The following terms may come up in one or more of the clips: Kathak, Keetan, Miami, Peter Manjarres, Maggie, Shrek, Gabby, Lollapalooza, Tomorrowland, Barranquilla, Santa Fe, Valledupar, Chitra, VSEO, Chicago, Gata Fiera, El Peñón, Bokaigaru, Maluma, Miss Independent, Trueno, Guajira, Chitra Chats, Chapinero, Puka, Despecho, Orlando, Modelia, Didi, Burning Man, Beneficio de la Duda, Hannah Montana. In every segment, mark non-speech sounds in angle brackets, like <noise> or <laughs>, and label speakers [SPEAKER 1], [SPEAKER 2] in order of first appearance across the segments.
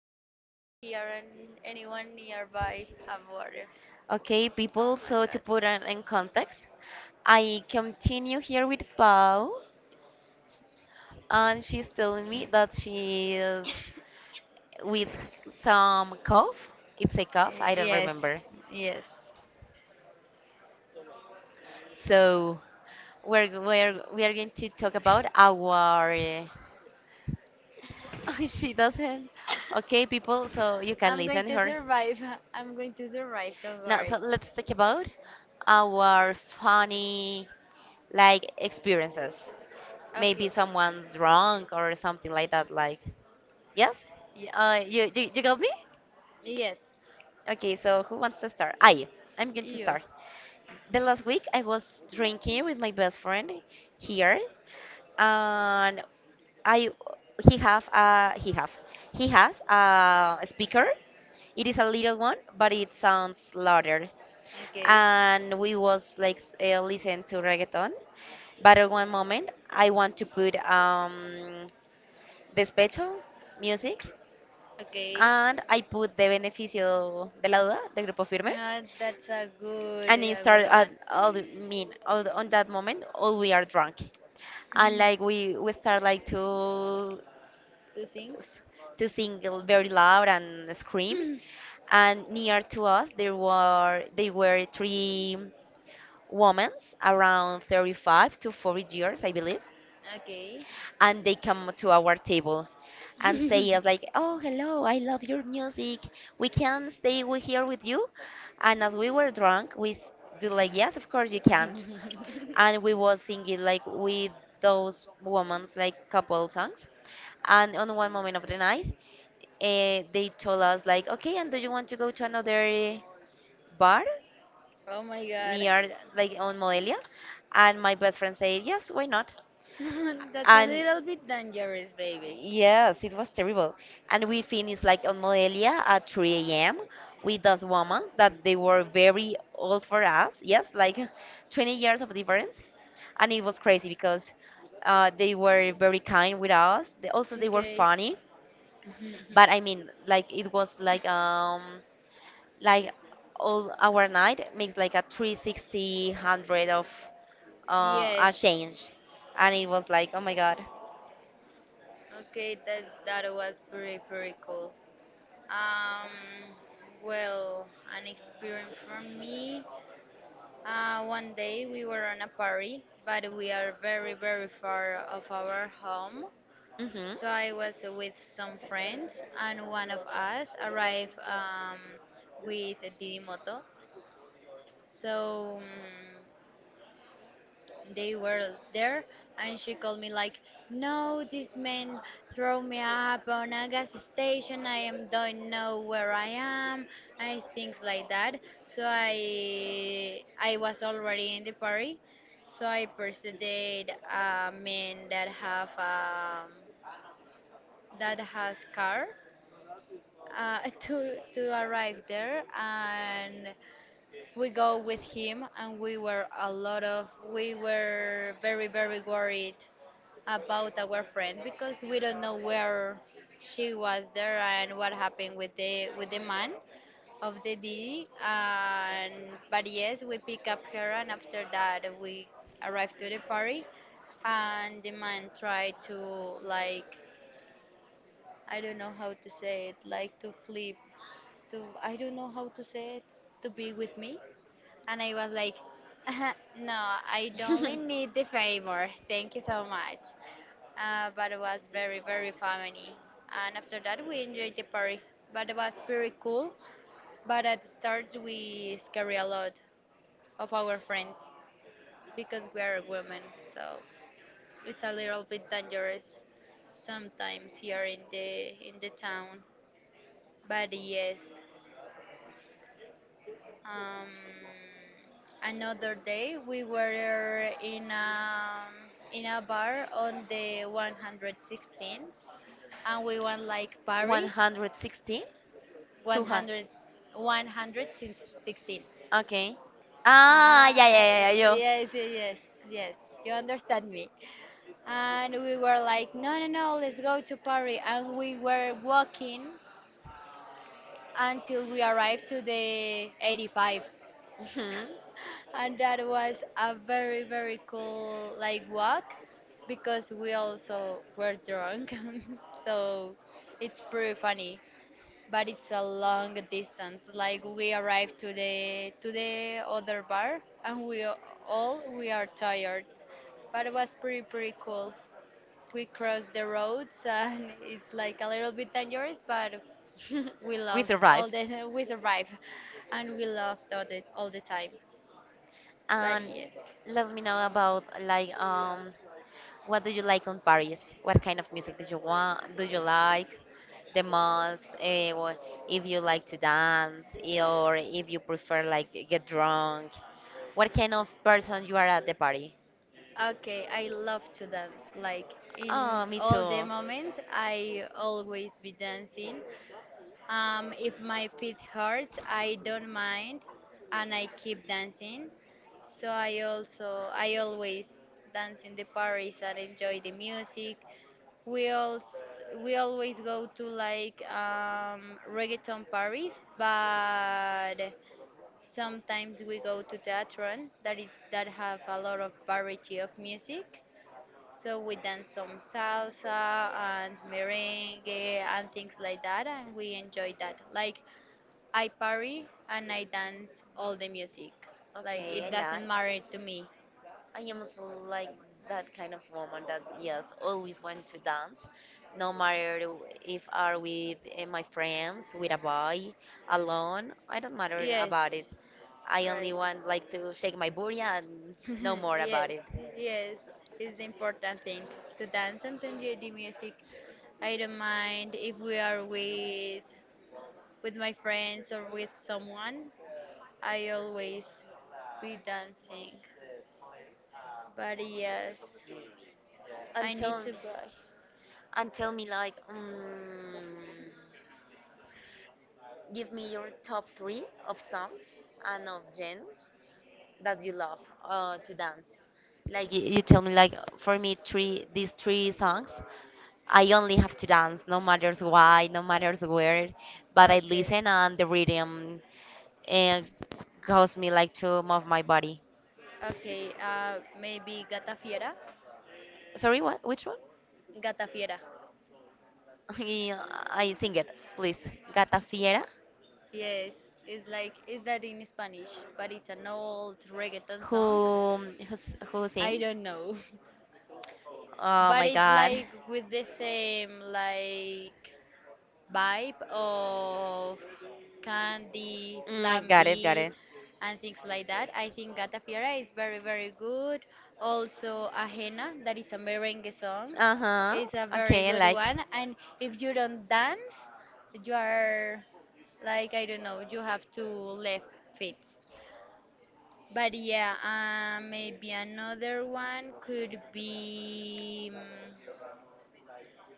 [SPEAKER 1] have water in here, and anyone nearby have water.
[SPEAKER 2] Okay,
[SPEAKER 1] Oh
[SPEAKER 2] people,
[SPEAKER 1] my
[SPEAKER 2] so to
[SPEAKER 1] god.
[SPEAKER 2] put it in context, I continue here with Pau, and she's telling me that she is with some cough. It's a cough, I don't
[SPEAKER 1] Yes,
[SPEAKER 2] remember.
[SPEAKER 1] yes.
[SPEAKER 2] So we are going to talk about our. <laughs> She doesn't. Okay,
[SPEAKER 1] <coughs>
[SPEAKER 2] people, so you can
[SPEAKER 1] I'm going
[SPEAKER 2] listen
[SPEAKER 1] to
[SPEAKER 2] her.
[SPEAKER 1] survive. <laughs> I'm going to survive. Don't
[SPEAKER 2] Now, so
[SPEAKER 1] worry.
[SPEAKER 2] let's talk about our funny like experiences. Maybe
[SPEAKER 1] Okay.
[SPEAKER 2] someone's drunk or something like that. Like, yes, you got me?
[SPEAKER 1] Yes.
[SPEAKER 2] Okay, so who wants to start? I'm going to
[SPEAKER 1] You.
[SPEAKER 2] start. The last week I was drinking with my best friend here, and I he have a he have he has a speaker. It is a little one, but it sounds louder.
[SPEAKER 1] Okay.
[SPEAKER 2] And we was like listen to reggaeton. But at one moment, I want to put Despecho, music,
[SPEAKER 1] Okay. <laughs>
[SPEAKER 2] and I put The Beneficio de la Duda, the Grupo Firme.
[SPEAKER 1] That's a
[SPEAKER 2] And it
[SPEAKER 1] good
[SPEAKER 2] started at
[SPEAKER 1] one.
[SPEAKER 2] all the- mean all, on that moment, all we are drunk. And like we start like to
[SPEAKER 1] To sing?
[SPEAKER 2] s- to sing very loud and scream. And near to us there were they were three women around 35 to 40 years, I believe.
[SPEAKER 1] Okay.
[SPEAKER 2] And they come to our table and say us
[SPEAKER 1] <laughs>
[SPEAKER 2] like, oh, hello, I love your music, we can stay here with you. And as we were drunk do like, yes, of course, you can. And we was singing like with those women's like couple songs. And on one moment of the night, they told us like, okay, and do you want to go to another bar
[SPEAKER 1] Oh my god.
[SPEAKER 2] near, like on Modelia? And my best friend said, yes, why not?
[SPEAKER 1] <laughs> That's a
[SPEAKER 2] And
[SPEAKER 1] little bit dangerous, baby.
[SPEAKER 2] yes, it was terrible. And we finished like on Modelia at 3 a.m. with those women that they were very old for us. Yes, like 20 years of difference. And it was crazy because they were very kind with us. They, also, they were
[SPEAKER 1] Okay.
[SPEAKER 2] funny. But I
[SPEAKER 1] <laughs>
[SPEAKER 2] mean, like it was like all our night makes like a 360 hundred of a
[SPEAKER 1] Yes.
[SPEAKER 2] change. And it was like, oh my God.
[SPEAKER 1] Okay, that was pretty pretty cool. Um, well, an experience from me. One day we were on a party, but we are very, very far of our home.
[SPEAKER 2] Mm-hmm.
[SPEAKER 1] So I was with some friends, and one of us arrived with Didi moto. So they were there, and she called me like, no, this man throw me up on a gas station. I am don't know where I am and things like that. So I was already in the party, so I persuaded a man that have that has car, <laughs> to arrive there, and we go with him. And we were a lot of, we were very very worried about our friend because we don't know where she was there and what happened with the man of the D. And But yes, we pick up her, and after that we arrived to the party, and the man tried to, like, I don't know how to say it, like to flip, to, I don't know how to say it, to be with me, and I was like. <laughs> No, I don't need the favor. Thank you so much, but it was very very funny. And after that, we enjoyed the party, but it was pretty cool. But at the start, we scare a lot of our friends because we are women, so it's a little bit dangerous sometimes here in the town. But yes, um, another day we were in a bar on the 116, and we went like party,
[SPEAKER 2] 116? 200.
[SPEAKER 1] 100, 116.
[SPEAKER 2] Okay. Ah,
[SPEAKER 1] Ah,
[SPEAKER 2] yeah, yeah, yeah, yeah.
[SPEAKER 1] Yeah, yeah, yeah,
[SPEAKER 2] Yo.
[SPEAKER 1] yeah, yes, yes, yes, yes. You understand me. And we were like, no, no, no, let's go to Paris. And we were walking until we arrived to the 85.
[SPEAKER 2] Mhm.
[SPEAKER 1] And that was a very, very cool like walk because we also were drunk. <laughs> So it's pretty funny. But it's a long distance. Like we arrived to the other bar, and all we are tired. But it was pretty pretty cool. We crossed the roads, and <laughs> it's like a little bit dangerous, but we
[SPEAKER 2] <laughs> We
[SPEAKER 1] loved
[SPEAKER 2] survive.
[SPEAKER 1] all the <laughs> we survived, and we loved all the time. But
[SPEAKER 2] And
[SPEAKER 1] yeah,
[SPEAKER 2] let me know about like, what do you like on Paris? What kind of music do you want? Do you like the most? If you like to dance, or if you prefer like get drunk, what kind of person you are at the party?
[SPEAKER 1] okay, I love to dance. Like in
[SPEAKER 2] Oh, me
[SPEAKER 1] all the
[SPEAKER 2] too.
[SPEAKER 1] moment, I always be dancing. If my feet hurts, I don't mind, and I keep dancing. So I always dance in the Paris and enjoy the music. We also we always go to like reggaeton Paris, but sometimes we go to theatron that is that have a lot of variety of music. So we dance some salsa and merengue and things like that, and we enjoy that. Like I party and I dance all the music. Like
[SPEAKER 2] Okay,
[SPEAKER 1] it
[SPEAKER 2] I
[SPEAKER 1] doesn't
[SPEAKER 2] like.
[SPEAKER 1] matter to me.
[SPEAKER 2] I am like that kind of woman that, yes, always want to dance, no matter if are with my friends, with a boy, alone. I don't matter
[SPEAKER 1] Yes.
[SPEAKER 2] about it. I only
[SPEAKER 1] Right.
[SPEAKER 2] want like to shake my booty and no
[SPEAKER 1] <laughs>
[SPEAKER 2] more
[SPEAKER 1] Yes,
[SPEAKER 2] about it.
[SPEAKER 1] yes, it's the important thing to dance and to enjoy the music. I don't mind if we are with my friends or with someone. I always be dancing. But yes, I
[SPEAKER 2] And
[SPEAKER 1] need
[SPEAKER 2] tell,
[SPEAKER 1] to buy.
[SPEAKER 2] and tell me like, give me your top three of songs and of genres that you love to dance? Like you tell me, like for me, three these three songs, I only have to dance, no matters why, no matters where, but I
[SPEAKER 1] Okay.
[SPEAKER 2] listen and the rhythm and cause me like to move my body.
[SPEAKER 1] Okay, maybe Gata Fiera.
[SPEAKER 2] Sorry, what? Which one?
[SPEAKER 1] Gata Fiera.
[SPEAKER 2] <laughs> Yeah, I sing it, please. Gata Fiera.
[SPEAKER 1] Yes, it's like is that in Spanish, but it's an old reggaeton
[SPEAKER 2] Who
[SPEAKER 1] song.
[SPEAKER 2] who
[SPEAKER 1] I
[SPEAKER 2] sings?
[SPEAKER 1] don't know, <laughs>
[SPEAKER 2] Oh
[SPEAKER 1] but
[SPEAKER 2] my
[SPEAKER 1] it's
[SPEAKER 2] God.
[SPEAKER 1] like with the same like vibe of candy,
[SPEAKER 2] Mm,
[SPEAKER 1] Plan
[SPEAKER 2] got it, got
[SPEAKER 1] B,
[SPEAKER 2] it.
[SPEAKER 1] and things like that. I think Gata Fiera is very, very good. Also, Ajena, that is a merengue song,
[SPEAKER 2] Uh-huh.
[SPEAKER 1] is a very
[SPEAKER 2] Okay, I
[SPEAKER 1] good
[SPEAKER 2] like.
[SPEAKER 1] one. And if you don't dance, you are like, I don't know, you have to left feet. But yeah, maybe another one could be.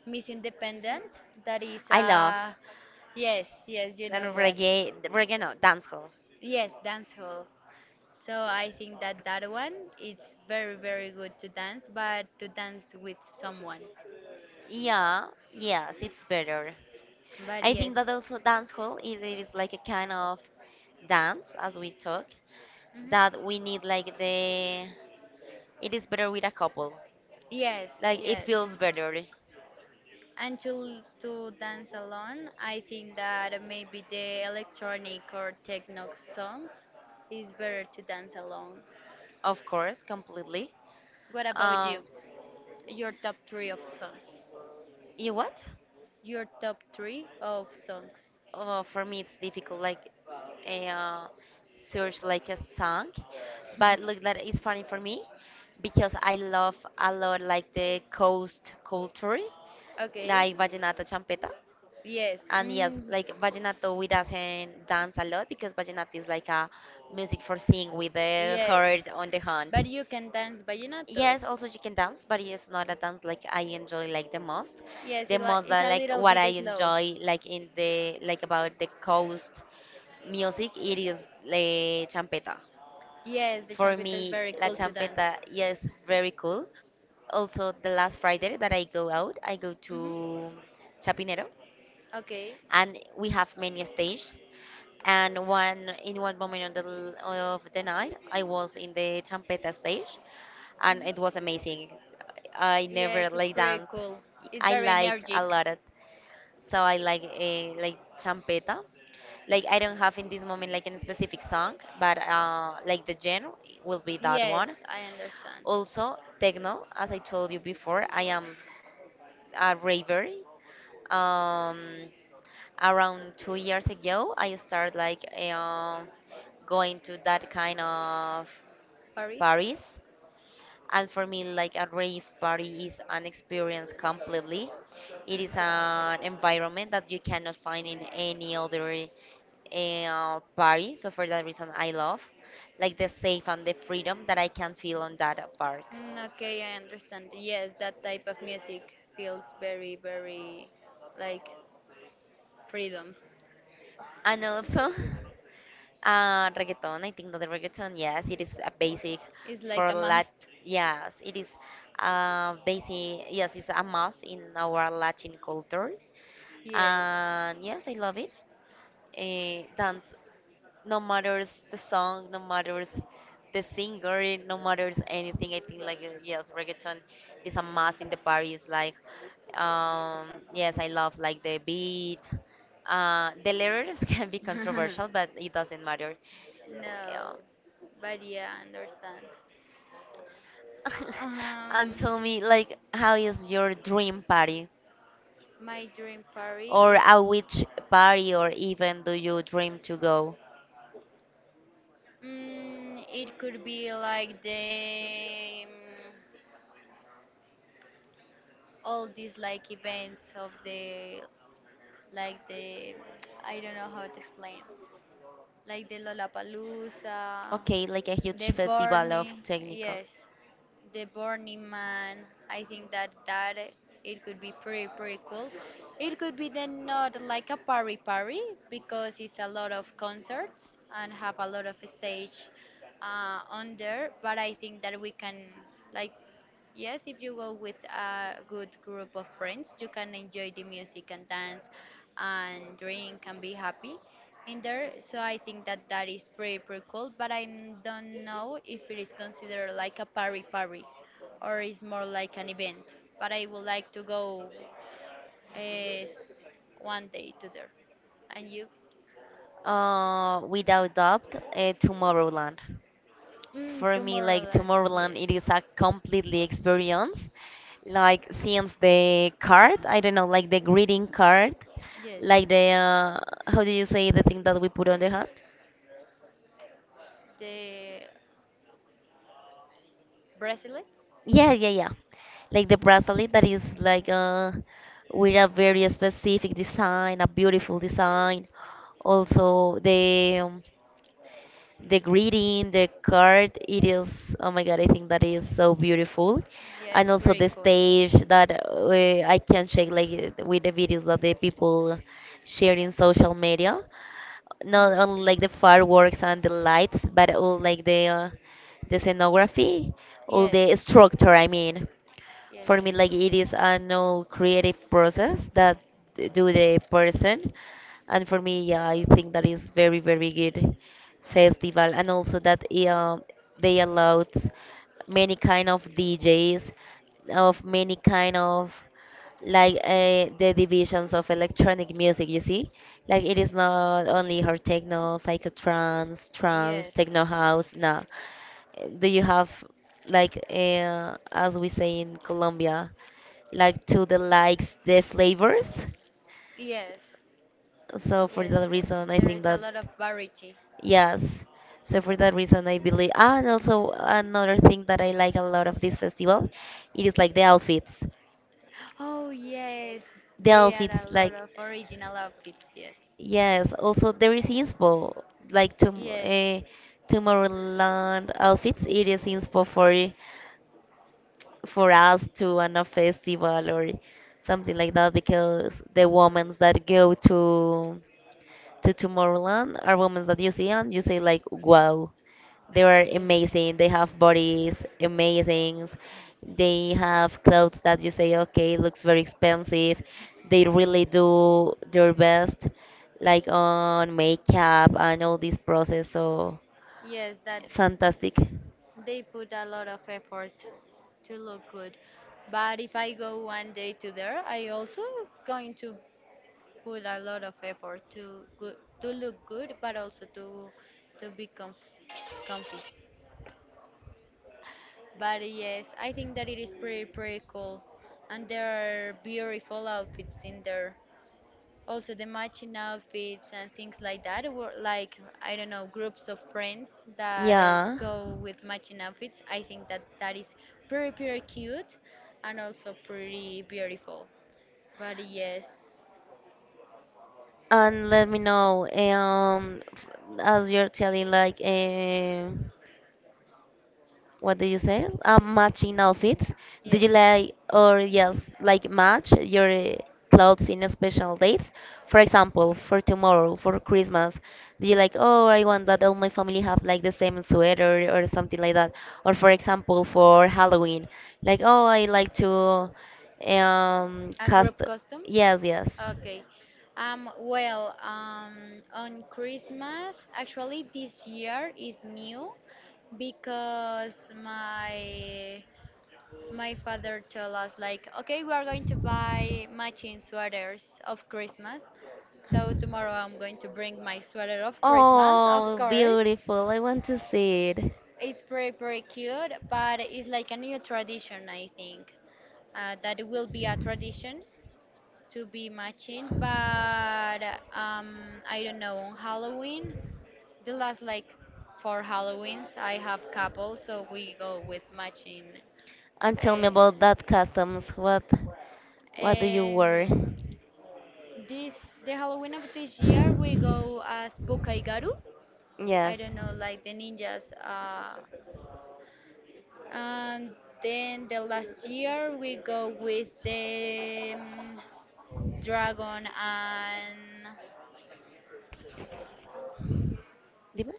[SPEAKER 1] Miss Independent, that is
[SPEAKER 2] I love.
[SPEAKER 1] yes, yes, you
[SPEAKER 2] And
[SPEAKER 1] know what.
[SPEAKER 2] reggae no, dancehall.
[SPEAKER 1] Yes, dance hall. So I think that one it's very very good to dance, but to dance with someone.
[SPEAKER 2] Yeah, yes, it's better.
[SPEAKER 1] But
[SPEAKER 2] I
[SPEAKER 1] yes.
[SPEAKER 2] think that also dancehall is it is like a kind of dance as we talk that
[SPEAKER 1] Mhm.
[SPEAKER 2] we need like the it is better with a couple.
[SPEAKER 1] Yes,
[SPEAKER 2] Like it
[SPEAKER 1] yes.
[SPEAKER 2] feels better,
[SPEAKER 1] And to dance alone, I think that maybe the electronic or techno songs is better to dance alone.
[SPEAKER 2] of course, completely.
[SPEAKER 1] What about you?
[SPEAKER 2] Um,
[SPEAKER 1] Your top three of songs.
[SPEAKER 2] you what?
[SPEAKER 1] Your top three of songs.
[SPEAKER 2] Oh, for me, it's difficult. Like, uh, search like a song, but look, that is funny for me because I love a lot like the coast culture,
[SPEAKER 1] Okay.
[SPEAKER 2] like vallenato, champeta,
[SPEAKER 1] Yes.
[SPEAKER 2] and yes,
[SPEAKER 1] Mm.
[SPEAKER 2] like vallenato, we doesn't dance a lot because vallenato is like a music for sing with the
[SPEAKER 1] Yes.
[SPEAKER 2] heart on the
[SPEAKER 1] But
[SPEAKER 2] hand.
[SPEAKER 1] you can dance vallenato.
[SPEAKER 2] Yes, also you can dance, but it's not a dance like I enjoy like the most.
[SPEAKER 1] Yes,
[SPEAKER 2] The most
[SPEAKER 1] it's
[SPEAKER 2] that
[SPEAKER 1] a
[SPEAKER 2] like
[SPEAKER 1] little
[SPEAKER 2] what I
[SPEAKER 1] bit slow.
[SPEAKER 2] enjoy like in the like about the coast music, it is la champeta.
[SPEAKER 1] Yes, the
[SPEAKER 2] For
[SPEAKER 1] champita is
[SPEAKER 2] me,
[SPEAKER 1] very
[SPEAKER 2] la
[SPEAKER 1] cool to dance.
[SPEAKER 2] champeta, yes, very cool. Also, the last Friday that I go out, I go
[SPEAKER 1] Hmm.
[SPEAKER 2] to Chapinero
[SPEAKER 1] Okay.
[SPEAKER 2] and we have many stages. And one in one moment of the night, I was in the champeta stage, and it was amazing. I never
[SPEAKER 1] Yes, it's
[SPEAKER 2] like
[SPEAKER 1] pretty
[SPEAKER 2] dance.
[SPEAKER 1] cool. It's
[SPEAKER 2] I
[SPEAKER 1] very
[SPEAKER 2] like a
[SPEAKER 1] energetic.
[SPEAKER 2] lot of, so I like like champeta. Like I don't have in this moment like a specific song, but like the genre will be that
[SPEAKER 1] Yes,
[SPEAKER 2] one.
[SPEAKER 1] I understand.
[SPEAKER 2] Also techno, as I told you before, I am a raver. Um, around 2 years ago, I started like going to that kind of
[SPEAKER 1] Paris?
[SPEAKER 2] parties. And for me, like a rave party is an experience completely. It is an environment that you cannot find in any other party. So for that reason, I love like the safe and the freedom that I can feel on that park.
[SPEAKER 1] Mm, okay, I understand. Yes, that type of music feels very, very like freedom.
[SPEAKER 2] And also. <laughs> Reggaeton, I think that the reggaeton, yes, it is a basic
[SPEAKER 1] It's like
[SPEAKER 2] for
[SPEAKER 1] a
[SPEAKER 2] Lat.
[SPEAKER 1] must.
[SPEAKER 2] Yes, it is basic. Yes, it's a must in our Latin culture,
[SPEAKER 1] Yes.
[SPEAKER 2] and yes, I love it. Dance no matters the song, no matters the singer, no matters anything. I think like, yes, reggaeton is a must in the parties. Like, um, yes, I love like the beat. The lyrics <laughs> can be controversial, but
[SPEAKER 1] <laughs>
[SPEAKER 2] it doesn't matter. Yeah.
[SPEAKER 1] No, but yeah, I understand.
[SPEAKER 2] <laughs> And
[SPEAKER 1] Um,
[SPEAKER 2] tell me like, how is your dream party
[SPEAKER 1] my dream party.
[SPEAKER 2] or at which party or even do you dream to go?
[SPEAKER 1] Mm, it could be like the all these like events of the like the I don't know how to explain. Like the Lollapalooza,
[SPEAKER 2] Okay, like a huge
[SPEAKER 1] the
[SPEAKER 2] festival of
[SPEAKER 1] Burning,
[SPEAKER 2] technical.
[SPEAKER 1] yes, the Burning Man. I think that it could be pretty pretty cool. It could be then not like a party party because it's a lot of concerts and have a lot of stage on there. But I think that we can like yes, if you go with a good group of friends, you can enjoy the music and dance and drink and be happy in there. So I think that that is pretty pretty cool. But I don't know if it is considered like a party party, or is more like an event. But I would like to go uh, s- one day to there. And you?
[SPEAKER 2] Without doubt, Tomorrowland.
[SPEAKER 1] Mm,
[SPEAKER 2] For me,
[SPEAKER 1] tomorrow,
[SPEAKER 2] like
[SPEAKER 1] like,
[SPEAKER 2] Tomorrowland,
[SPEAKER 1] yes,
[SPEAKER 2] it is a completely experience. Like since the card, I don't know, like the greeting card,
[SPEAKER 1] yes.
[SPEAKER 2] like the, how do you say the thing that we put on the hand?
[SPEAKER 1] The bracelets?
[SPEAKER 2] Yeah, yeah, yeah. Like the bracelet that is like, with a very specific design, a beautiful design. Also the greeting, the card, it is, oh my God, I think that is so beautiful.
[SPEAKER 1] Yes,
[SPEAKER 2] And also
[SPEAKER 1] pretty
[SPEAKER 2] the
[SPEAKER 1] cool.
[SPEAKER 2] stage that, I can share like with the videos that the people share in social media. Not only like the fireworks and the lights, but all like the scenography, all
[SPEAKER 1] Yes,
[SPEAKER 2] the structure, I mean
[SPEAKER 1] yes,
[SPEAKER 2] for me like it is an all creative process that do the person. And for me, yeah, I think that is very very good festival. And also that, uh, they allowed many kind of DJs of many kind of like, the divisions of electronic music, you see, like it is not only her techno, psychotrance, trance,
[SPEAKER 1] yes,
[SPEAKER 2] techno, house, no, do you have like, as we say in Colombia, like to the likes the flavors,
[SPEAKER 1] yes,
[SPEAKER 2] so for
[SPEAKER 1] yes.
[SPEAKER 2] that reason I
[SPEAKER 1] There
[SPEAKER 2] think
[SPEAKER 1] is a
[SPEAKER 2] that,
[SPEAKER 1] lot of variety.
[SPEAKER 2] yes, so for that reason I believe. And also another thing that I like a lot of this festival, it is like the outfits,
[SPEAKER 1] Oh yes,
[SPEAKER 2] the
[SPEAKER 1] they are a
[SPEAKER 2] outfits
[SPEAKER 1] lot
[SPEAKER 2] like.
[SPEAKER 1] of original outfits. Yes,
[SPEAKER 2] Yes, also there is inspo like to,
[SPEAKER 1] yes,
[SPEAKER 2] Tomorrowland outfits. It is inspo for us to run a festival or something like that because the women that go to Tomorrowland are women that you see and you say like, wow, they are
[SPEAKER 1] yes,
[SPEAKER 2] amazing. They have bodies amazing. They have clothes that you say, okay, looks very expensive. They really do their best, like on makeup and all this process. So
[SPEAKER 1] yes. That
[SPEAKER 2] fantastic.
[SPEAKER 1] they put a lot of effort to look good. But if I go one day to there, I also going to put a lot of effort to go, to look good, but also to be comfy. But yes, I think that it is pretty pretty cool, and there are beautiful outfits in there. Also, the matching outfits and things like that were like, I don't know, groups of friends that
[SPEAKER 2] Yeah.
[SPEAKER 1] go with matching outfits. I think that that is pretty, pretty cute and also pretty beautiful. But yes,
[SPEAKER 2] And let me know, as you're telling, like, what do you say? Matching outfits. Do
[SPEAKER 1] yes.
[SPEAKER 2] you like or yes, like match your, clothes in special dates? For example, for tomorrow, for Christmas, do you like, oh, I want that all my family have like the same sweater or something like that? Or for example, for Halloween, like, oh, I like to
[SPEAKER 1] A
[SPEAKER 2] cast.
[SPEAKER 1] group costume?
[SPEAKER 2] Yes, yes.
[SPEAKER 1] Okay. On Christmas, actually, this year is new. Because my my father told us like, okay, we are going to buy matching sweaters of Christmas, so tomorrow I'm going to bring my sweater of Christmas, of
[SPEAKER 2] Oh,
[SPEAKER 1] course.
[SPEAKER 2] beautiful. I want to see it.
[SPEAKER 1] It's pretty pretty cute, but it's like a new tradition, I think, that will be a tradition to be matching. But um, I don't know, on Halloween, the last like, for Halloweens I have couple, so we go with matching.
[SPEAKER 2] And tell me
[SPEAKER 1] Uh,
[SPEAKER 2] about that customs. What do you
[SPEAKER 1] and
[SPEAKER 2] wear?
[SPEAKER 1] this the Halloween of this year we go as Bokaigaru. I
[SPEAKER 2] Yes.
[SPEAKER 1] don't know, like the ninjas. And then the last year we go with the dragon and
[SPEAKER 2] Dime.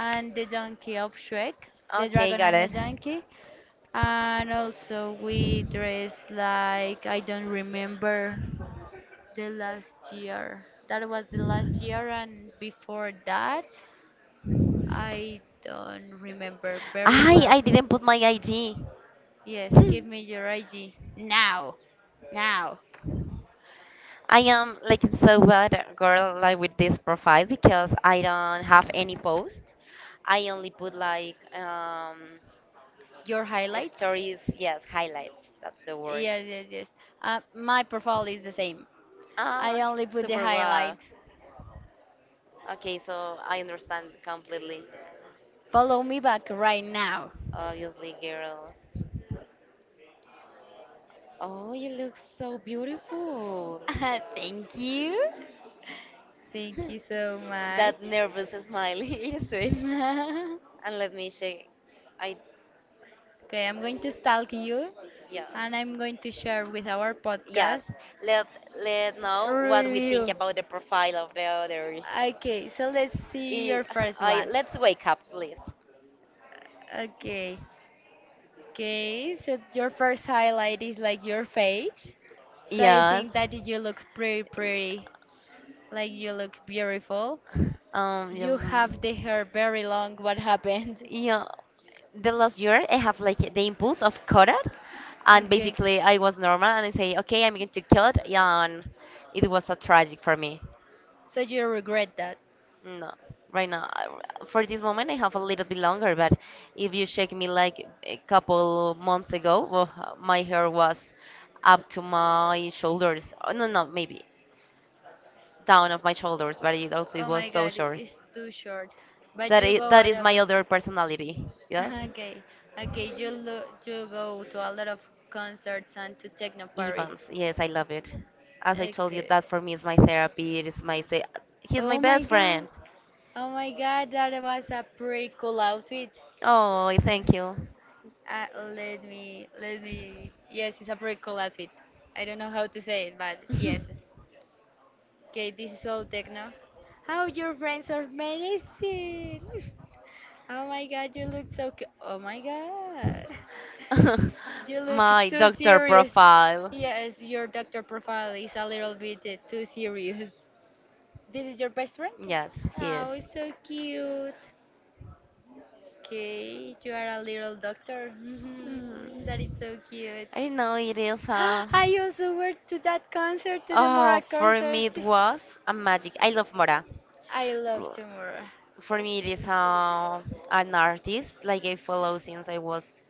[SPEAKER 1] the donkey of Shrek, the
[SPEAKER 2] Okay,
[SPEAKER 1] dragon
[SPEAKER 2] got
[SPEAKER 1] and the
[SPEAKER 2] it.
[SPEAKER 1] donkey. And also we dress like I don't remember the last year. That was the last year, and before that, I don't remember very
[SPEAKER 2] I
[SPEAKER 1] well.
[SPEAKER 2] I didn't put my IG.
[SPEAKER 1] Yes, give
[SPEAKER 2] Hmm.
[SPEAKER 1] me your IG now. Now,
[SPEAKER 2] I am like so bad, girl, like with this profile because I don't have any post. I only put like,
[SPEAKER 1] your highlights.
[SPEAKER 2] stories, yes, highlights. That's the word.
[SPEAKER 1] Yes, yes, yes. My profile is the same. I
[SPEAKER 2] Ah,
[SPEAKER 1] only put the
[SPEAKER 2] super wow.
[SPEAKER 1] highlights.
[SPEAKER 2] Okay, so I understand completely.
[SPEAKER 1] Follow me back right now.
[SPEAKER 2] Obviously, girl. Oh, you look so beautiful.
[SPEAKER 1] <laughs> Thank you. Thank you so
[SPEAKER 2] That
[SPEAKER 1] much.
[SPEAKER 2] nervous smile. <laughs> Yes, sweet.
[SPEAKER 1] <laughs>
[SPEAKER 2] And let me say, I,
[SPEAKER 1] Okay, I'm going to stalk you
[SPEAKER 2] yes,
[SPEAKER 1] and I'm going to share with our
[SPEAKER 2] yes.
[SPEAKER 1] podcast
[SPEAKER 2] Let let know what we think
[SPEAKER 1] review.
[SPEAKER 2] about the profile of the other.
[SPEAKER 1] Okay, so let's see your
[SPEAKER 2] I,
[SPEAKER 1] first
[SPEAKER 2] I
[SPEAKER 1] one.
[SPEAKER 2] let's wake up, please.
[SPEAKER 1] Okay, okay, so your first highlight is like your face. So I
[SPEAKER 2] Yes.
[SPEAKER 1] think that you look pretty pretty, like you look beautiful.
[SPEAKER 2] Yeah.
[SPEAKER 1] You have the hair very long. What happened?
[SPEAKER 2] Yeah. The last year, I have like the impulse of color, and
[SPEAKER 1] Okay,
[SPEAKER 2] basically I was normal, and I say, okay, I'm going to kill it, and it was a tragic for me.
[SPEAKER 1] so you regret that.
[SPEAKER 2] No, right now, for this moment, I have a little bit longer, but if you check me like a couple months ago, well, my hair was up to my shoulders. Oh, no, no, maybe down of my shoulders, but it also it
[SPEAKER 1] Oh my
[SPEAKER 2] was so
[SPEAKER 1] goes god,
[SPEAKER 2] short.
[SPEAKER 1] it's too short. But you go
[SPEAKER 2] That
[SPEAKER 1] out
[SPEAKER 2] is
[SPEAKER 1] a
[SPEAKER 2] my
[SPEAKER 1] lot.
[SPEAKER 2] other personality. Yes.
[SPEAKER 1] <laughs> Okay, okay, you go to a lot of concerts and to Techno
[SPEAKER 2] Evans,
[SPEAKER 1] Paris.
[SPEAKER 2] yes, I love it. As I told you,
[SPEAKER 1] Okay.
[SPEAKER 2] that for me is my therapy. It is my say. He's my
[SPEAKER 1] Oh my
[SPEAKER 2] best friend.
[SPEAKER 1] god. Oh my god, that was a pretty cool outfit.
[SPEAKER 2] Oh, thank you.
[SPEAKER 1] Uh, let me. Yes, it's a pretty cool outfit. I don't know how to say it, but yes. Okay, this is all techno. How your friends are amazing. <laughs> Oh my god, you look so oh my god. <laughs> You
[SPEAKER 2] <laughs>
[SPEAKER 1] look
[SPEAKER 2] My
[SPEAKER 1] too
[SPEAKER 2] doctor
[SPEAKER 1] serious.
[SPEAKER 2] profile.
[SPEAKER 1] Yes, your doctor profile is a little bit too serious. This is your best friend?
[SPEAKER 2] Yes, he is.
[SPEAKER 1] Oh, it's so cute. Okay, you are a little doctor. <laughs> That
[SPEAKER 2] Mm.
[SPEAKER 1] is so cute.
[SPEAKER 2] I didn't know it is a.
[SPEAKER 1] <gasps> I also went to that concert, to the
[SPEAKER 2] Oh,
[SPEAKER 1] Mora
[SPEAKER 2] for me
[SPEAKER 1] concert.
[SPEAKER 2] it
[SPEAKER 1] Me.
[SPEAKER 2] was a
[SPEAKER 1] <laughs>
[SPEAKER 2] magic. I love Mora.
[SPEAKER 1] <laughs> I love
[SPEAKER 2] Ru-
[SPEAKER 1] Tomorrow.
[SPEAKER 2] For me, it is an artist like I follow since I was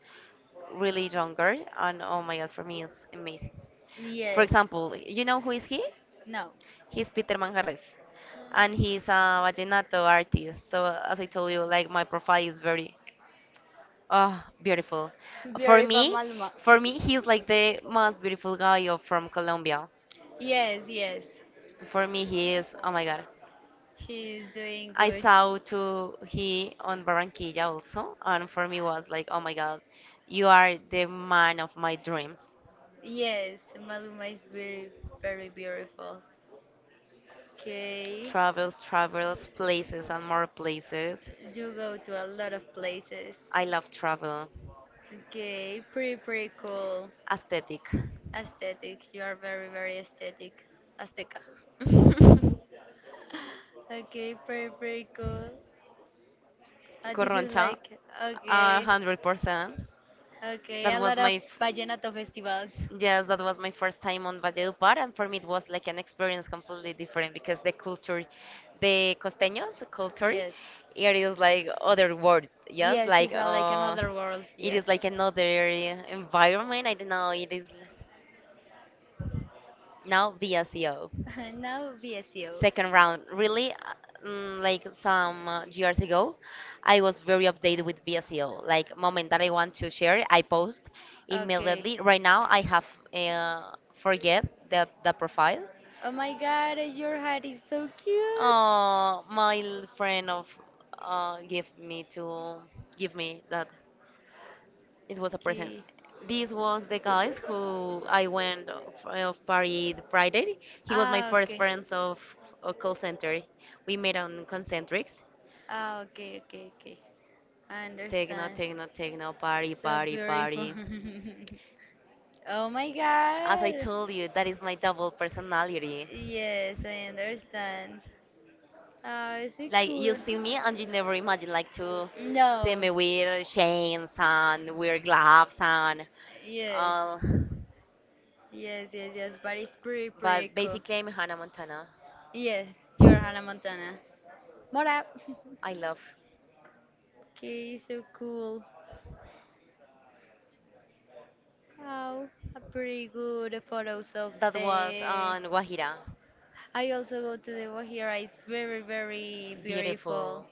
[SPEAKER 2] really younger, and oh my god, for me, it's amazing.
[SPEAKER 1] For
[SPEAKER 2] For
[SPEAKER 1] yes.
[SPEAKER 2] example, you know who is he?
[SPEAKER 1] No.
[SPEAKER 2] He's Peter Manjarres, and he's a vallenato artist. So as I told you, like my profile is very, oh, beautiful.
[SPEAKER 1] For
[SPEAKER 2] For
[SPEAKER 1] beautiful
[SPEAKER 2] me,
[SPEAKER 1] Maluma.
[SPEAKER 2] for me, he's like the most beautiful guy of, from Colombia.
[SPEAKER 1] Yes, yes.
[SPEAKER 2] For me, he is, oh my god.
[SPEAKER 1] He's doing
[SPEAKER 2] I
[SPEAKER 1] good.
[SPEAKER 2] saw too
[SPEAKER 1] Too.
[SPEAKER 2] he on Barranquilla also, and for me was like, oh my God, you are the man of my dreams.
[SPEAKER 1] Yes, Maluma is very, very beautiful. Okay.
[SPEAKER 2] Travels, travels, places, and more places.
[SPEAKER 1] You go to a lot of places.
[SPEAKER 2] I love travel.
[SPEAKER 1] Okay, pretty, pretty cool.
[SPEAKER 2] Aesthetic.
[SPEAKER 1] Aesthetic. You are very, very aesthetic. Azteca.
[SPEAKER 2] <laughs>
[SPEAKER 1] Okay, pretty, pretty cool. This is
[SPEAKER 2] Corroncha,
[SPEAKER 1] like, a
[SPEAKER 2] a
[SPEAKER 1] okay,
[SPEAKER 2] hundred percent.
[SPEAKER 1] okay,
[SPEAKER 2] That
[SPEAKER 1] a
[SPEAKER 2] was
[SPEAKER 1] lot of
[SPEAKER 2] my. F-
[SPEAKER 1] my vallenato festivals.
[SPEAKER 2] Yes, that was my first time on Valledupar, and for me it was like an experience completely different because the culture, the costeños culture, it is like other world. Yes, like
[SPEAKER 1] Uh, world.
[SPEAKER 2] it is like another environment. I don't know. Now VSEO.
[SPEAKER 1] <laughs> Now VSU.
[SPEAKER 2] Second round. Really, like some years ago, I was very updated with VSEO. Like moment that I want to share, I post immediately. Right now, I have uh, forget the profile.
[SPEAKER 1] Oh my god, your hat is so cute.
[SPEAKER 2] Friend of give me to give me that it was a present.
[SPEAKER 1] Okay.
[SPEAKER 2] This was the guys who I went of party the
[SPEAKER 1] it
[SPEAKER 2] Friday. He
[SPEAKER 1] was
[SPEAKER 2] was my first friends of a call center. We met on Concentrics.
[SPEAKER 1] Ah, okay, okay, okay. I
[SPEAKER 2] Techno,
[SPEAKER 1] techno
[SPEAKER 2] techno, techno, party, party, party.
[SPEAKER 1] party. <laughs> Oh my As
[SPEAKER 2] As I
[SPEAKER 1] I
[SPEAKER 2] told you, that
[SPEAKER 1] god.
[SPEAKER 2] is my double personality.
[SPEAKER 1] Yes, I understand. Oh, it's so
[SPEAKER 2] Like you
[SPEAKER 1] cool.
[SPEAKER 2] see me and you never imagine like to
[SPEAKER 1] see No.
[SPEAKER 2] see me with chains and weird gloves and
[SPEAKER 1] Yes.
[SPEAKER 2] all.
[SPEAKER 1] Yes, yes, yes. But pretty
[SPEAKER 2] But
[SPEAKER 1] cool.
[SPEAKER 2] basically, I'm Hannah Montana.
[SPEAKER 1] Yes, you're Hannah Montana. What up? <laughs>
[SPEAKER 2] I love.
[SPEAKER 1] Okay, so cool. Oh, a pretty good photos of
[SPEAKER 2] That was
[SPEAKER 1] the
[SPEAKER 2] on Guajira.
[SPEAKER 1] I also go to the Guajira. It's very, very
[SPEAKER 2] Beautiful,
[SPEAKER 1] beautiful.
[SPEAKER 2] beautiful.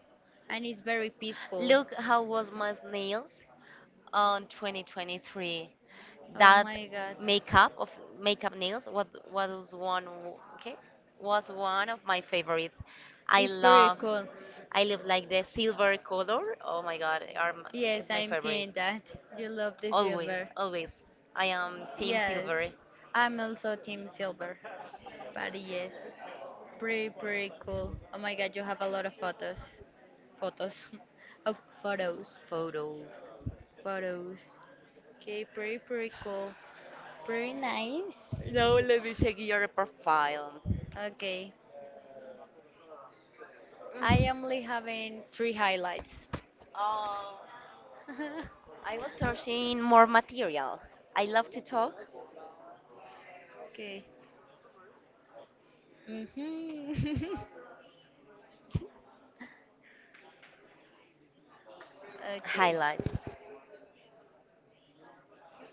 [SPEAKER 1] And it's very peaceful.
[SPEAKER 2] Look how was my nails on 2023. Oh,
[SPEAKER 1] Oh
[SPEAKER 2] that
[SPEAKER 1] my god.
[SPEAKER 2] my makeup of makeup nails what was one w- okay was one of my favorites. I It's
[SPEAKER 1] It's very
[SPEAKER 2] love
[SPEAKER 1] cool.
[SPEAKER 2] I love like the silver color. Oh my God,
[SPEAKER 1] Yes,
[SPEAKER 2] is my
[SPEAKER 1] I'm
[SPEAKER 2] favorite.
[SPEAKER 1] seeing that. You love the
[SPEAKER 2] Always,
[SPEAKER 1] silver.
[SPEAKER 2] always. I am team, yeah,
[SPEAKER 1] Yes,
[SPEAKER 2] silver
[SPEAKER 1] I'm also team silver. But yes, pretty, pretty cool. Oh my god, you have a lot of photos. Photos. <laughs> Of photos,
[SPEAKER 2] photos.
[SPEAKER 1] photos. Okay, pretty, pretty cool. Pretty nice.
[SPEAKER 2] No, let me check your profile.
[SPEAKER 1] Okay, I am only having three highlights.
[SPEAKER 2] Uh,
[SPEAKER 1] <laughs>
[SPEAKER 2] I was searching more material. I love to talk.
[SPEAKER 1] Okay. Mhm. <laughs> Okay.
[SPEAKER 2] Highlights.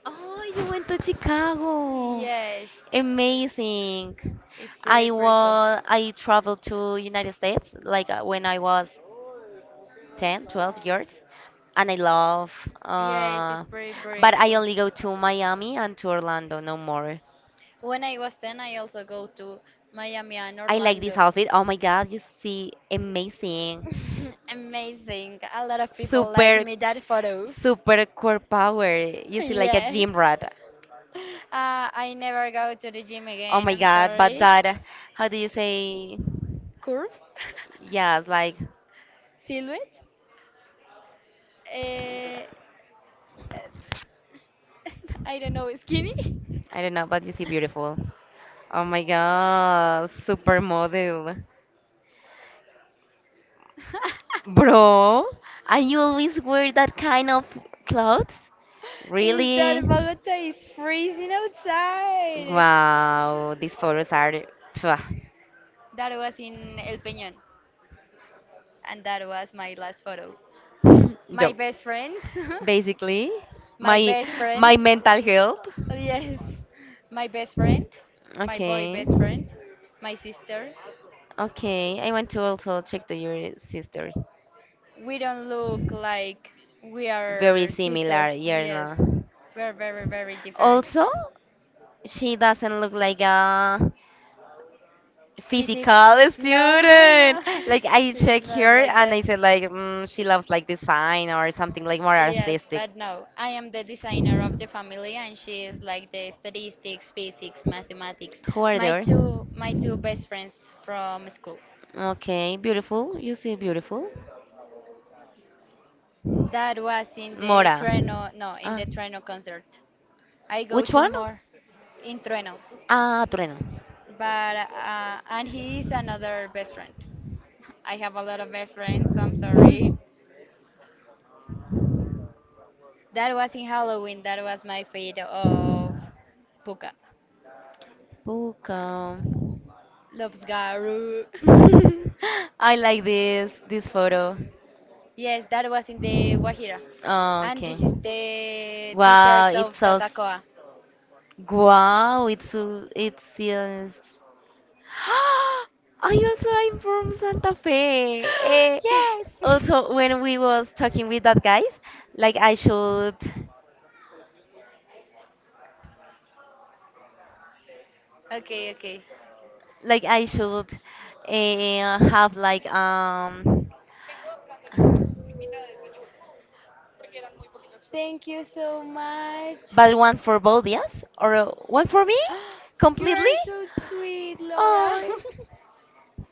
[SPEAKER 2] Oh, you went to Chicago.
[SPEAKER 1] Yes,
[SPEAKER 2] Amazing.
[SPEAKER 1] it's pretty, pretty cool.
[SPEAKER 2] I traveled to United States like when I was 10, 12 years and I love
[SPEAKER 1] Yes, it's
[SPEAKER 2] uh
[SPEAKER 1] pretty, pretty
[SPEAKER 2] but I only go
[SPEAKER 1] cool.
[SPEAKER 2] to Miami and to Orlando, no more.
[SPEAKER 1] When I was 10, I also go to Miami and
[SPEAKER 2] I like this
[SPEAKER 1] Orlando.
[SPEAKER 2] outfit. Oh my god, you see, amazing.
[SPEAKER 1] <laughs> Amazing. A lot of people like
[SPEAKER 2] Super,
[SPEAKER 1] me that photo.
[SPEAKER 2] super core power.
[SPEAKER 1] <laughs>
[SPEAKER 2] You see, like a
[SPEAKER 1] Yes. <laughs>
[SPEAKER 2] gym rat.
[SPEAKER 1] I never go to the gym, oh,
[SPEAKER 2] Oh
[SPEAKER 1] again.
[SPEAKER 2] my
[SPEAKER 1] I'm
[SPEAKER 2] god, but
[SPEAKER 1] sorry.
[SPEAKER 2] that, how do you say?
[SPEAKER 1] Curve?
[SPEAKER 2] Yes, like,
[SPEAKER 1] <laughs> Silhouette? Uh, <laughs> I don't know. Skinny?
[SPEAKER 2] I don't know, but you see, beautiful. Oh my god, supermodel.
[SPEAKER 1] <laughs>
[SPEAKER 2] Bro, and you always wear that kind of clothes?
[SPEAKER 1] Is that
[SPEAKER 2] Really?
[SPEAKER 1] really? Bogota is freezing outside?
[SPEAKER 2] Wow, these photos are.
[SPEAKER 1] That was in El Peñón, and that was my last photo.
[SPEAKER 2] <laughs>
[SPEAKER 1] My
[SPEAKER 2] Yo.
[SPEAKER 1] best friends. <laughs>
[SPEAKER 2] Basically
[SPEAKER 1] My
[SPEAKER 2] my
[SPEAKER 1] best friend.
[SPEAKER 2] mental health,
[SPEAKER 1] Yes. My best friend. My boy
[SPEAKER 2] okay.
[SPEAKER 1] best friend. My sister.
[SPEAKER 2] Okay, I want to also check to your sister.
[SPEAKER 1] We don't look like we, Very,
[SPEAKER 2] Very
[SPEAKER 1] are
[SPEAKER 2] similar,
[SPEAKER 1] sisters.
[SPEAKER 2] yeah,
[SPEAKER 1] Yes.
[SPEAKER 2] no.
[SPEAKER 1] We're very, very different.
[SPEAKER 2] Also she doesn't look like a
[SPEAKER 1] Physic. No,
[SPEAKER 2] physical
[SPEAKER 1] <laughs>
[SPEAKER 2] student.
[SPEAKER 1] no,
[SPEAKER 2] Like I
[SPEAKER 1] she's
[SPEAKER 2] check
[SPEAKER 1] not
[SPEAKER 2] her
[SPEAKER 1] like
[SPEAKER 2] and
[SPEAKER 1] that.
[SPEAKER 2] I said like, mm, she loves like design or something like more
[SPEAKER 1] Yes,
[SPEAKER 2] artistic.
[SPEAKER 1] but no, I am the designer of the family, and she is like the statistics, physics, mathematics.
[SPEAKER 2] Who are
[SPEAKER 1] My
[SPEAKER 2] there?
[SPEAKER 1] two, my two best friends from school.
[SPEAKER 2] Okay, beautiful. You see, beautiful.
[SPEAKER 1] That was in the
[SPEAKER 2] Mora.
[SPEAKER 1] Trueno, no, in
[SPEAKER 2] Ah.
[SPEAKER 1] the Trueno concert. I go
[SPEAKER 2] Which
[SPEAKER 1] to
[SPEAKER 2] one?
[SPEAKER 1] more in Trueno,
[SPEAKER 2] Ah, Trueno.
[SPEAKER 1] but and he is another best friend. <laughs> I have a lot of best friends. I'm sorry. That was in Halloween. That was my fate of Puka.
[SPEAKER 2] Puka.
[SPEAKER 1] Lobsgaru.
[SPEAKER 2] <laughs> I
[SPEAKER 1] <laughs>
[SPEAKER 2] like this photo.
[SPEAKER 1] Yes, that was in the Guajira.
[SPEAKER 2] Ah,
[SPEAKER 1] And okay,
[SPEAKER 2] okay.
[SPEAKER 1] this is the
[SPEAKER 2] Wow,
[SPEAKER 1] desert
[SPEAKER 2] it's
[SPEAKER 1] of
[SPEAKER 2] so. s-
[SPEAKER 1] Tatacoa. I
[SPEAKER 2] Wow, it's so. It's. Yes. <gasps> I also am from Santa Fe. Eh,
[SPEAKER 1] Yes. <gasps> Yes!
[SPEAKER 2] also, when
[SPEAKER 1] <laughs>
[SPEAKER 2] we was talking with that guys, like I should,
[SPEAKER 1] Okay, okay.
[SPEAKER 2] like I should, have like
[SPEAKER 1] Thank you so much.
[SPEAKER 2] but one for both, yes, or one for me,
[SPEAKER 1] <gasps> You
[SPEAKER 2] completely.
[SPEAKER 1] are so sweet, Laura.
[SPEAKER 2] Oh,
[SPEAKER 1] <laughs>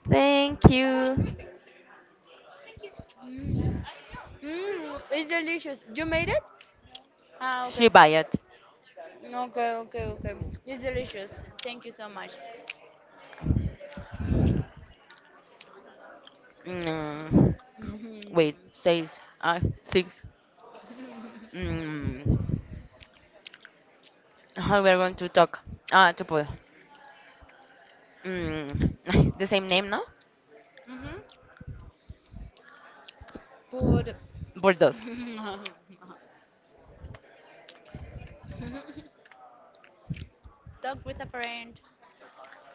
[SPEAKER 2] thank you.
[SPEAKER 1] Mm. Mm, it's delicious. You made it? Ah,
[SPEAKER 2] She
[SPEAKER 1] okay.
[SPEAKER 2] buy it.
[SPEAKER 1] Okay, okay, okay. It's delicious. Thank you so much. Mm.
[SPEAKER 2] Mm,
[SPEAKER 1] Hmm.
[SPEAKER 2] wait, six, six. Mm, how we are going to talk? Ah, to put. Mm, <laughs> the same name, no?
[SPEAKER 1] Hmm. Food.
[SPEAKER 2] Bulldoze.
[SPEAKER 1] <laughs> Talk with a friend.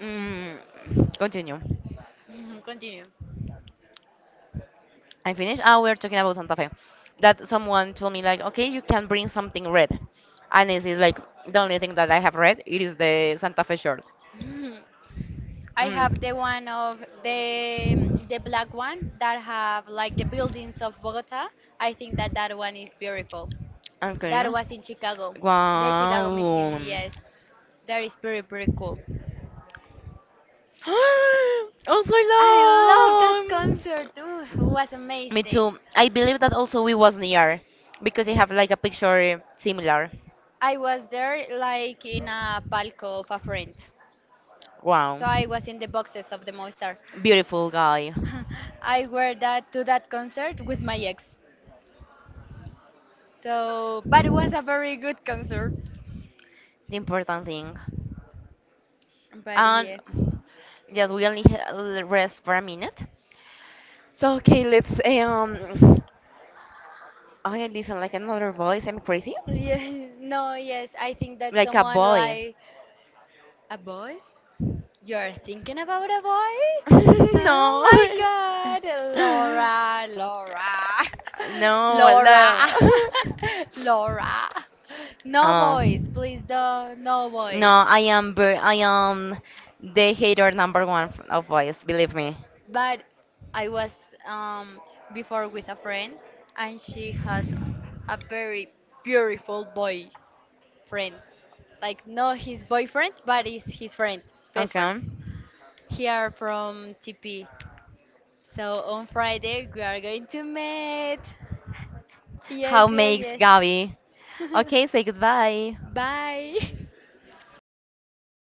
[SPEAKER 2] Mm, continue.
[SPEAKER 1] Mhm, continue.
[SPEAKER 2] I finished. Ah, we are talking about Santa Fe. That someone told me like, okay, you can bring something red, and this is like the only thing that I have read. It is the Santa Fe shirt.
[SPEAKER 1] Mhm. I have
[SPEAKER 2] Mm.
[SPEAKER 1] the one of the the black one that have like the buildings of Bogota. I think that that one is beautiful. That
[SPEAKER 2] Okay.
[SPEAKER 1] was in Chicago, the Chicago, wow, Museum.
[SPEAKER 2] Wow.
[SPEAKER 1] Yes, that is pretty, pretty cool.
[SPEAKER 2] <gasps> Also,
[SPEAKER 1] I love that
[SPEAKER 2] long.
[SPEAKER 1] concert. Ooh, it was Me
[SPEAKER 2] Me
[SPEAKER 1] amazing.
[SPEAKER 2] too. I believe that also we was near because they have like a picture similar.
[SPEAKER 1] I was there like in a palco of a friend.
[SPEAKER 2] Wow.
[SPEAKER 1] So I was in the boxes of the Movistar.
[SPEAKER 2] Beautiful guy.
[SPEAKER 1] <laughs> I were that to that concert with my ex. So, but it was a very good concert.
[SPEAKER 2] The important thing.
[SPEAKER 1] But
[SPEAKER 2] And
[SPEAKER 1] yeah,
[SPEAKER 2] yes, rest for a minute. So okay, let's. Oh, I listen like another voice. I'm crazy.
[SPEAKER 1] yeah, <laughs> no, yes, I think that like a
[SPEAKER 2] Like a
[SPEAKER 1] someone boy,
[SPEAKER 2] boy.
[SPEAKER 1] like a boy. You're thinking about a boy?
[SPEAKER 2] <laughs>
[SPEAKER 1] Oh
[SPEAKER 2] No.
[SPEAKER 1] my God, Laura, Laura, <laughs>
[SPEAKER 2] No, no.
[SPEAKER 1] Laura, <laughs> Laura. No
[SPEAKER 2] <laughs> Oh.
[SPEAKER 1] boys, please don't, no
[SPEAKER 2] No,
[SPEAKER 1] boys.
[SPEAKER 2] I am the hater number one of boys, believe me.
[SPEAKER 1] But I was um, before with a friend, and she has a very beautiful boyfriend. Like not his boyfriend, but is his friend, best friend.
[SPEAKER 2] Okay.
[SPEAKER 1] Here from TP. So on Friday we are going to meet. Yes,
[SPEAKER 2] How makes
[SPEAKER 1] yes,
[SPEAKER 2] Gabby? Okay,
[SPEAKER 1] yes.
[SPEAKER 2] say goodbye.
[SPEAKER 1] <laughs> Bye.